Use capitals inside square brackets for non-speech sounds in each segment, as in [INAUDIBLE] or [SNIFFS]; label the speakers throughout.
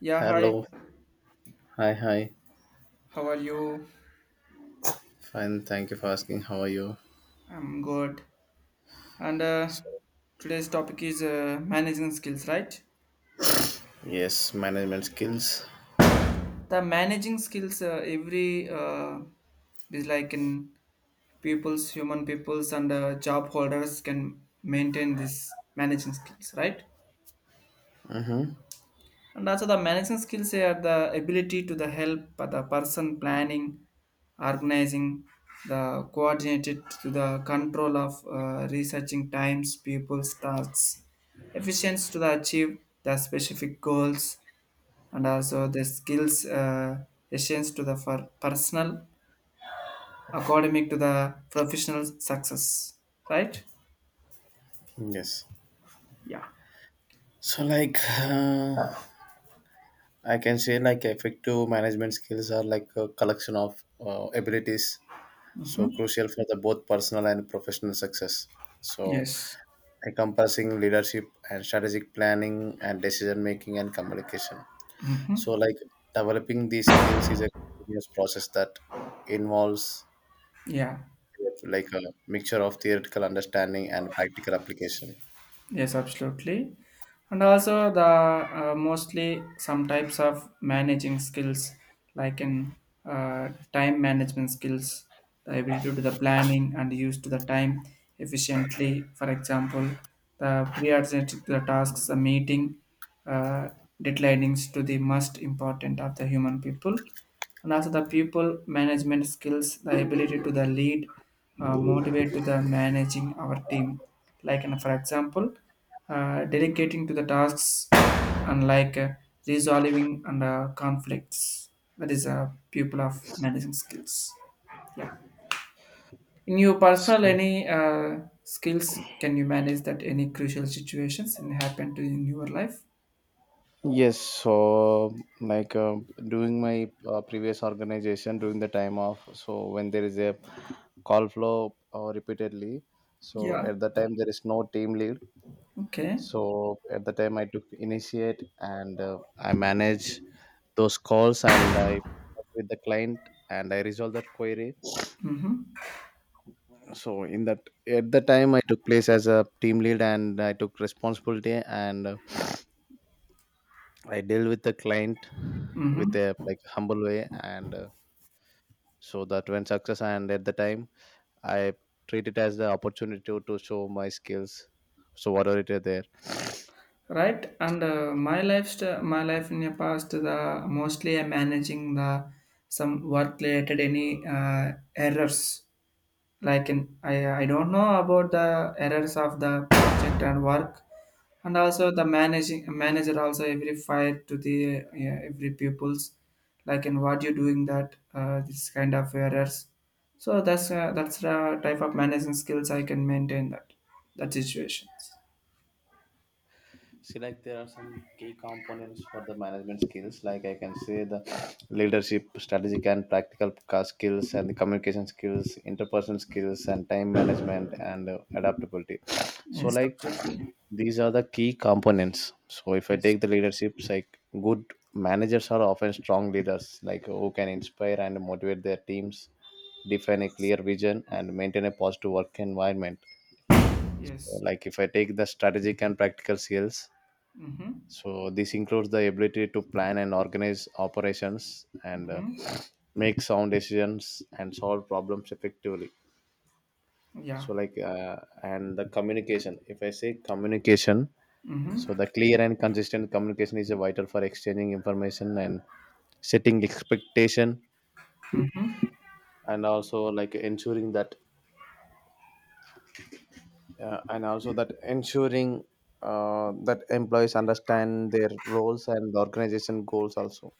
Speaker 1: Yeah, hi.
Speaker 2: Hello. Hi, hi.
Speaker 1: How are you?
Speaker 2: Fine. Thank you for asking. How are you?
Speaker 1: I'm good. And
Speaker 2: So,
Speaker 1: today's topic is managing skills, right?
Speaker 2: yes, management skills.
Speaker 1: The managing skills every is like in human peoples, and job holders can maintain this managing skills, right?
Speaker 2: Mm-hmm.
Speaker 1: And also the management skills are the ability to the help the person planning organizing the coordinated to the control of researching times people's tasks efficiency to the achieve the specific goals and also the skills essence to the for personal academic to the professional success, right.
Speaker 2: Yes.
Speaker 1: Yeah.
Speaker 2: So, I can say, like, effective management skills are like a collection of abilities. So, crucial for the both personal and professional success. So,
Speaker 1: Yes.
Speaker 2: encompassing leadership and strategic planning and decision making and communication. So,
Speaker 1: Mm-hmm.
Speaker 2: like, developing these skills is a continuous process that involves
Speaker 1: Yeah.
Speaker 2: like a mixture of theoretical understanding and practical application.
Speaker 1: Yes, absolutely. And also the mostly some types of managing skills like in time management skills, the ability to do the planning and use to the time efficiently. For example, the prioritizing to the tasks, the meeting, uh, deadlines to the most important of the human people, and also the people management skills, the ability to the lead motivate to the managing our team, like, and for example delegating to the tasks, and like resolving and conflicts, that is a pupil of managing skills. Yeah, in your personal
Speaker 2: So-
Speaker 1: any skills, can you manage that any crucial situations and happen to in your life?
Speaker 2: Yes, so like during my previous organization, during the time of so when there is a call flow repeatedly, so
Speaker 1: Yeah.
Speaker 2: at the time there is no team lead.
Speaker 1: Okay.
Speaker 2: So at the time I took initiate and I manage those calls and I talk with the client and I resolve that query.
Speaker 1: Mm-hmm.
Speaker 2: So in that at the time I took place as a team lead and I took responsibility, and [SNIFFS] I dealt with the client with
Speaker 1: Mm-hmm.
Speaker 2: a like humble way, and so that when success, and at the time I treat it as the opportunity to show my skills, so whatever it is there.
Speaker 1: Right, and my lifestyle, my life in the past, the mostly I'm managing the some work related any errors, like in I don't know about the errors of the project and work, and also the managing manager also every fire to the yeah, every pupils, like in what you doing that this kind of errors. So that's the type of managing skills I can maintain that that situations.
Speaker 2: See, like there are some key components for the management skills, like I can say the leadership, strategic and practical skills, and the communication skills, interpersonal skills, and time management, and adaptability. So
Speaker 1: Yes,
Speaker 2: like
Speaker 1: absolutely.
Speaker 2: these are the key components. So if I
Speaker 1: Yes.
Speaker 2: take the leaderships, like good managers are often strong leaders, like who can inspire and motivate their teams, define a clear vision and maintain a positive work environment.
Speaker 1: Yes.
Speaker 2: Like if I take the strategic and practical skills,
Speaker 1: Mm-hmm.
Speaker 2: so this includes the ability to plan and organize operations, and
Speaker 1: Mm-hmm.
Speaker 2: make sound decisions and solve problems effectively.
Speaker 1: Yeah.
Speaker 2: So like uh, and the communication. If I say communication,
Speaker 1: Mm-hmm.
Speaker 2: so the clear and consistent communication is vital for exchanging information and setting expectation, and also like ensuring that and also that ensuring that employees understand their roles and the organization goals also.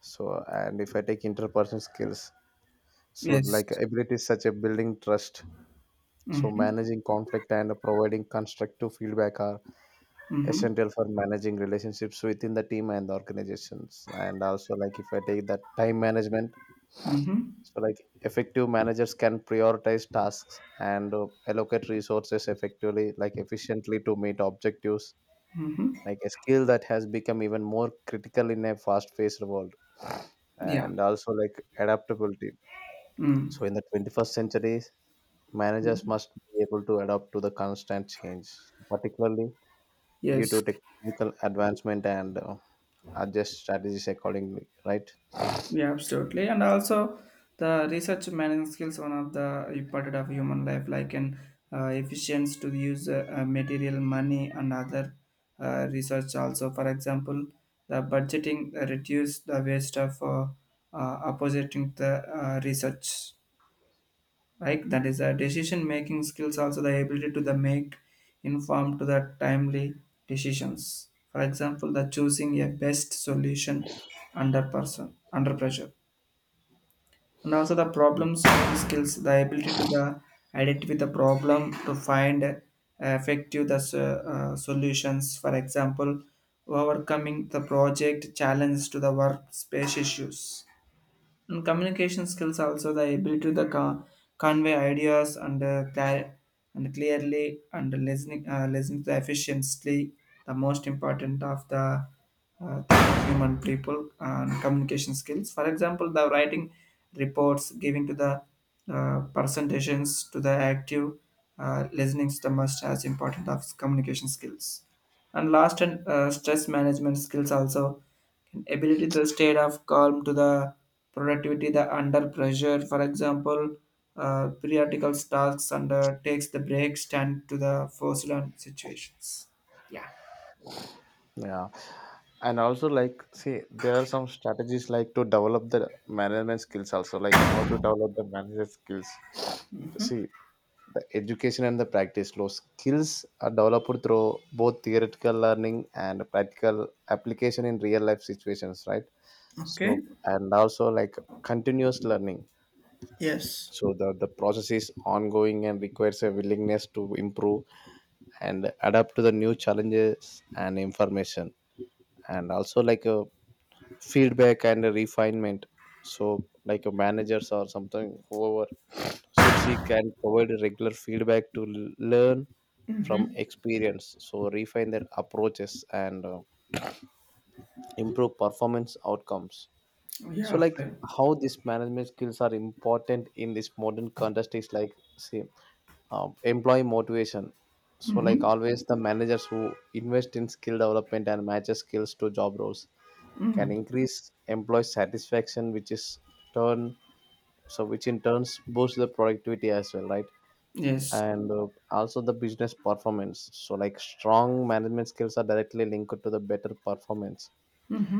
Speaker 2: So and if I take interpersonal skills. So,
Speaker 1: Yes.
Speaker 2: like ability is such a building trust. So,
Speaker 1: Mm-hmm.
Speaker 2: managing conflict and providing constructive feedback are
Speaker 1: Mm-hmm.
Speaker 2: essential for managing relationships within the team and the organizations. And also, like if I take that time management,
Speaker 1: Mm-hmm.
Speaker 2: so like effective managers can prioritize tasks and allocate resources effectively, like efficiently to meet objectives.
Speaker 1: Mm-hmm.
Speaker 2: Like a skill that has become even more critical in a fast-paced world.
Speaker 1: Yeah.
Speaker 2: And also, like adaptability. So,
Speaker 1: Mm.
Speaker 2: in the 21st century, managers must be able to adapt to the constant change, particularly due
Speaker 1: Yes.
Speaker 2: to technological advancement, and adjust strategies accordingly, right?
Speaker 1: Yeah, absolutely. And also the research management skills, one of the important of human life, like an efficiency to use material, money, and other research also. For example, the budgeting reduce the waste of opposing the research. Right, that is a decision making skills, also the ability to the make informed to the timely decisions. For example, the choosing a best solution under person under pressure, and also the
Speaker 2: Yeah.
Speaker 1: problem solving skills, the ability to the identify the problem to find effective the solutions. For example, overcoming the project challenge to the workspace issues, and communication skills also the ability to convey ideas and and clearly and listening listening to efficiently, the most important of the uh, human people and communication skills. For example, the writing reports, giving to the presentations to the active listening to the must as important of communication skills. And last, and stress management skills also can ability to state of calm to the productivity the under pressure. For example, periodical tasks under takes the break stand to the forced on situations. Yeah.
Speaker 2: Yeah. And also, like, see, there are some strategies like to develop the management skills, also, like how to develop the management skills. See, the education and the practice law skills are developed through both theoretical learning and practical application in real life situations, right? So
Speaker 1: Okay.
Speaker 2: and also like continuous learning.
Speaker 1: Yes.
Speaker 2: So the process is ongoing and requires a willingness to improve and adapt to the new challenges and information. And also like a feedback and a refinement. So like a managers or something, whoever should seek and provide regular feedback to learn from experience, so refine their approaches and improve performance outcomes. So,
Speaker 1: Yeah.
Speaker 2: like
Speaker 1: I-
Speaker 2: how these management skills are important in this modern context is like, say, employee motivation. So, like
Speaker 1: Mm-hmm.
Speaker 2: always, the managers who invest in skill development and matches skills to job roles can increase employee satisfaction, which is turn, so which in turns boosts the productivity as well, right?
Speaker 1: Yes.
Speaker 2: And also the business performance. So, like strong management skills are directly linked to the better performance.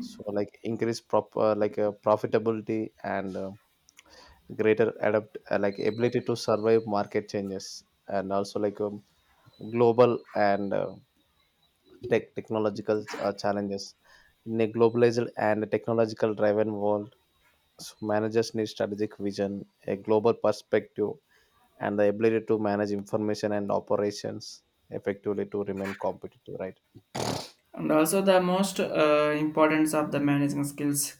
Speaker 2: So, like increase proper like profitability, and greater adapt like ability to survive market changes, and also like global and technological challenges in a globalized and technological driven world. So managers need strategic vision, a global perspective, and the ability to manage information and operations effectively to remain competitive, right?
Speaker 1: And also the most importance of the managing skills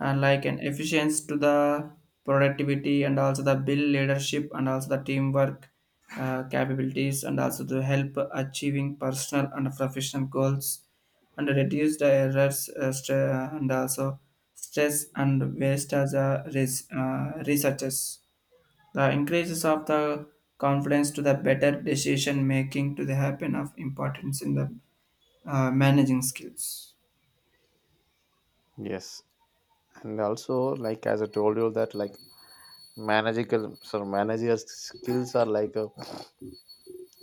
Speaker 1: like an efficiency to the productivity and also the bill leadership and also the teamwork capabilities and also to help achieving personal and professional goals and reduce the errors and also stress and waste as a researchers. The increases of the confidence to the better decision making to the happen of importance in the managing skills.
Speaker 2: Yes. And also like as I told you that like managerial skills are like a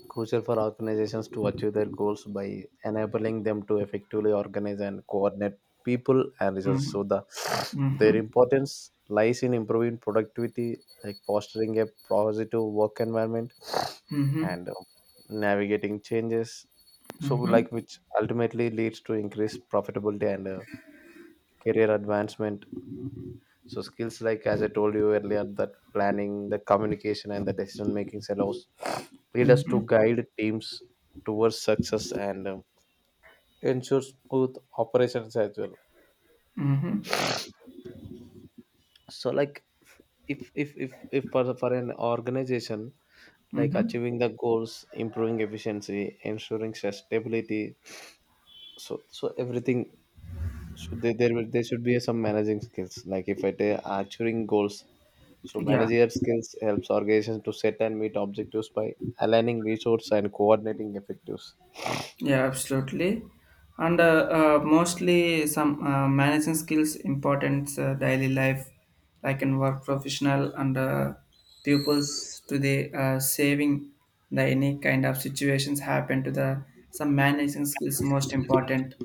Speaker 2: crucial for organizations to achieve their goals by enabling them to effectively organize and coordinate people and resources. So
Speaker 1: Mhm.
Speaker 2: their
Speaker 1: Mhm.
Speaker 2: importance lies in improving productivity, like fostering a positive work environment,
Speaker 1: Mhm.
Speaker 2: and navigating changes. So
Speaker 1: Mhm.
Speaker 2: like which ultimately leads to increased profitability and career advancement. So skills like as I told you earlier, that planning, the communication and the decision making allows lead us
Speaker 1: Mhm.
Speaker 2: to guide teams towards success, and ensure smooth operations as well.
Speaker 1: Mhm.
Speaker 2: So like if for an organization, like
Speaker 1: Mhm.
Speaker 2: achieving the goals, improving efficiency, ensuring stability. So everything should, they there will there should be some managing skills. Like if I say achieving goals, so
Speaker 1: Yeah.
Speaker 2: managerial skills helps organizations to set and meet objectives by aligning resources and coordinating effectives.
Speaker 1: Yeah, absolutely. And mostly some managing skills important daily life, like in work professional and pupils to the saving the any kind of situations happen to the some managing skills most important,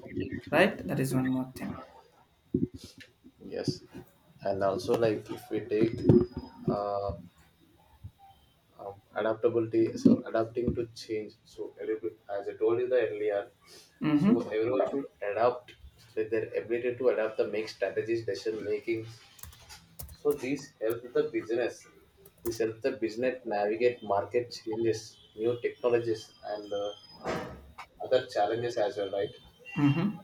Speaker 1: right? That is one more thing.
Speaker 2: Yes, and also like if we take uh, adaptability, so adapting to change. So as I told you the earlier, so
Speaker 1: Mm-hmm.
Speaker 2: everyone should adapt. So their ability to adapt the make strategies, decision making. So these help the business. This help the business navigate market changes, new technologies, and other challenges as well, right?
Speaker 1: Mm-hmm.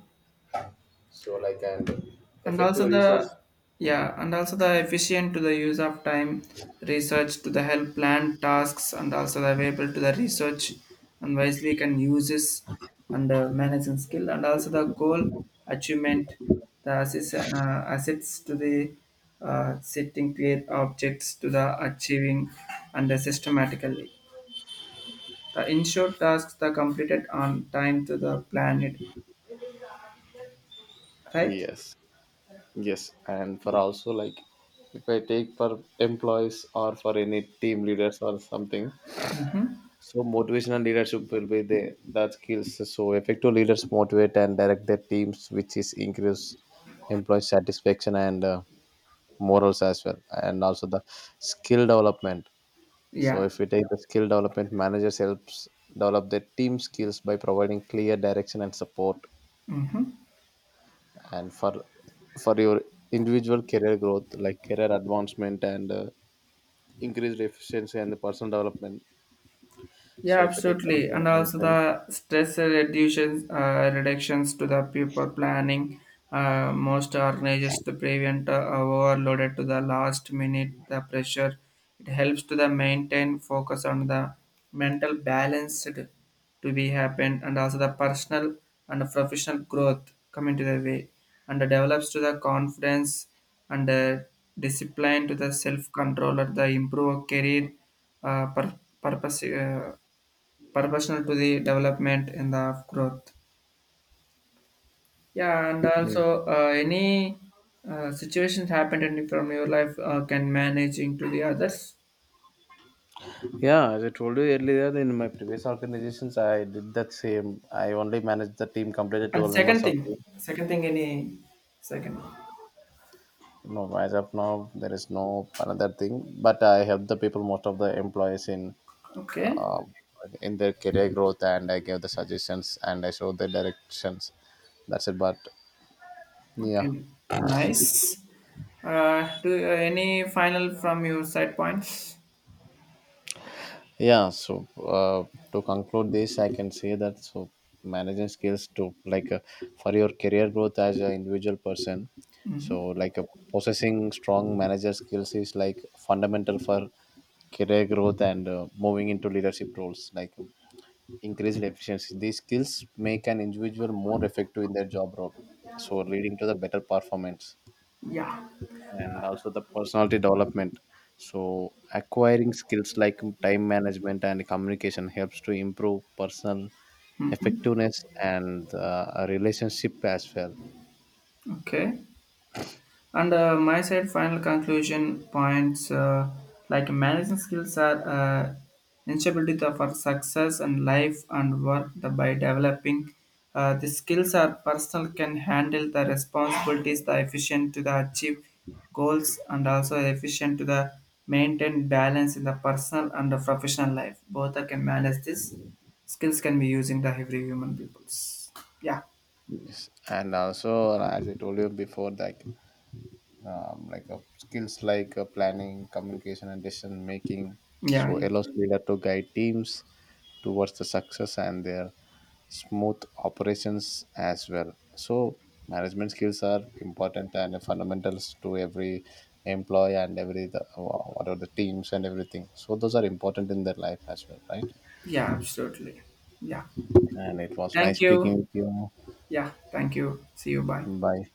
Speaker 2: So like and
Speaker 1: And also
Speaker 2: effective
Speaker 1: the,
Speaker 2: resource.
Speaker 1: yeah, and also the efficient to the use of time research to the help plan tasks and also the available to the research and wisely can use this, and managing skill and also the goal achievement, the assist, assets to the setting clear objects to the achieving and the systematically the ensured tasks the completed on time to the planet, right.
Speaker 2: Yes. Yes, and for also like if I take for employees or for any team leaders or something,
Speaker 1: Hmm.
Speaker 2: so motivational leadership will be the that skills. So effective leaders motivate and direct their teams, which is increase employee satisfaction and morals as well, and also the skill development. So
Speaker 1: Yeah.
Speaker 2: if we take the skill development, managers helps develop their team skills by providing clear direction and support,
Speaker 1: Hmm.
Speaker 2: and for your individual career growth, like career advancement and increased efficiency and the personal development.
Speaker 1: Yeah,
Speaker 2: So if I take
Speaker 1: absolutely.
Speaker 2: career
Speaker 1: And also
Speaker 2: advancement.
Speaker 1: the stress reductions, reductions to the people planning. Most organizers to prevent overloaded to the last minute, the pressure. It helps to the maintain focus on the mental balance to be happen, and also the personal and professional growth come into the way and develops to the confidence and discipline to the self-control or the improve career uh, pur- purpose proportional to the development and the growth. Yeah, and
Speaker 2: Mm.
Speaker 1: also any situations happened in from your life can manage into the others.
Speaker 2: Yeah, as I told you earlier, in my previous organizations I did that same. I only managed the team, completed
Speaker 1: And
Speaker 2: 12 members of team.
Speaker 1: second thing, any second one.
Speaker 2: No, as of now there is no another thing, but I help the people, most of the employees
Speaker 1: Okay,
Speaker 2: uh, in their career growth, and I gave the suggestions and I showed the directions, that's it but. Yeah,
Speaker 1: okay, nice. Do any final from your side points?
Speaker 2: yeah. So to conclude this I can say that, so managing skills to like for your career growth as an individual person. So
Speaker 1: Hmm.
Speaker 2: like possessing strong manager skills is like fundamental for career growth and moving into leadership roles. Like increased efficiency, these skills make an individual more effective in their job role, so leading to the better performance.
Speaker 1: Yeah.
Speaker 2: And also the personality development. So acquiring skills like time management and communication helps to improve personal
Speaker 1: Hmm.
Speaker 2: effectiveness and a relationship as well.
Speaker 1: Okay. And my side final conclusion points like management skills are instability for success and life and work the, by developing the skills are personal can handle the responsibilities the efficient to the achieve goals and also efficient to the maintain balance in the personal and the professional life both are can manage this skills can be used in the every human peoples. Yeah.
Speaker 2: Yes. And also as I told you before, like skills like planning, communication and decision making,
Speaker 1: Yeah.
Speaker 2: so
Speaker 1: Yeah.
Speaker 2: allows leader to guide teams towards the success and their smooth operations as well. So, management skills are important and fundamentals to every employee, and every the what are the teams and everything. So, those are important in their life as well, right?
Speaker 1: Yeah, absolutely. Yeah.
Speaker 2: And it was nice
Speaker 1: Thank you.
Speaker 2: speaking with you.
Speaker 1: Yeah, thank you. See you. Bye.
Speaker 2: Bye.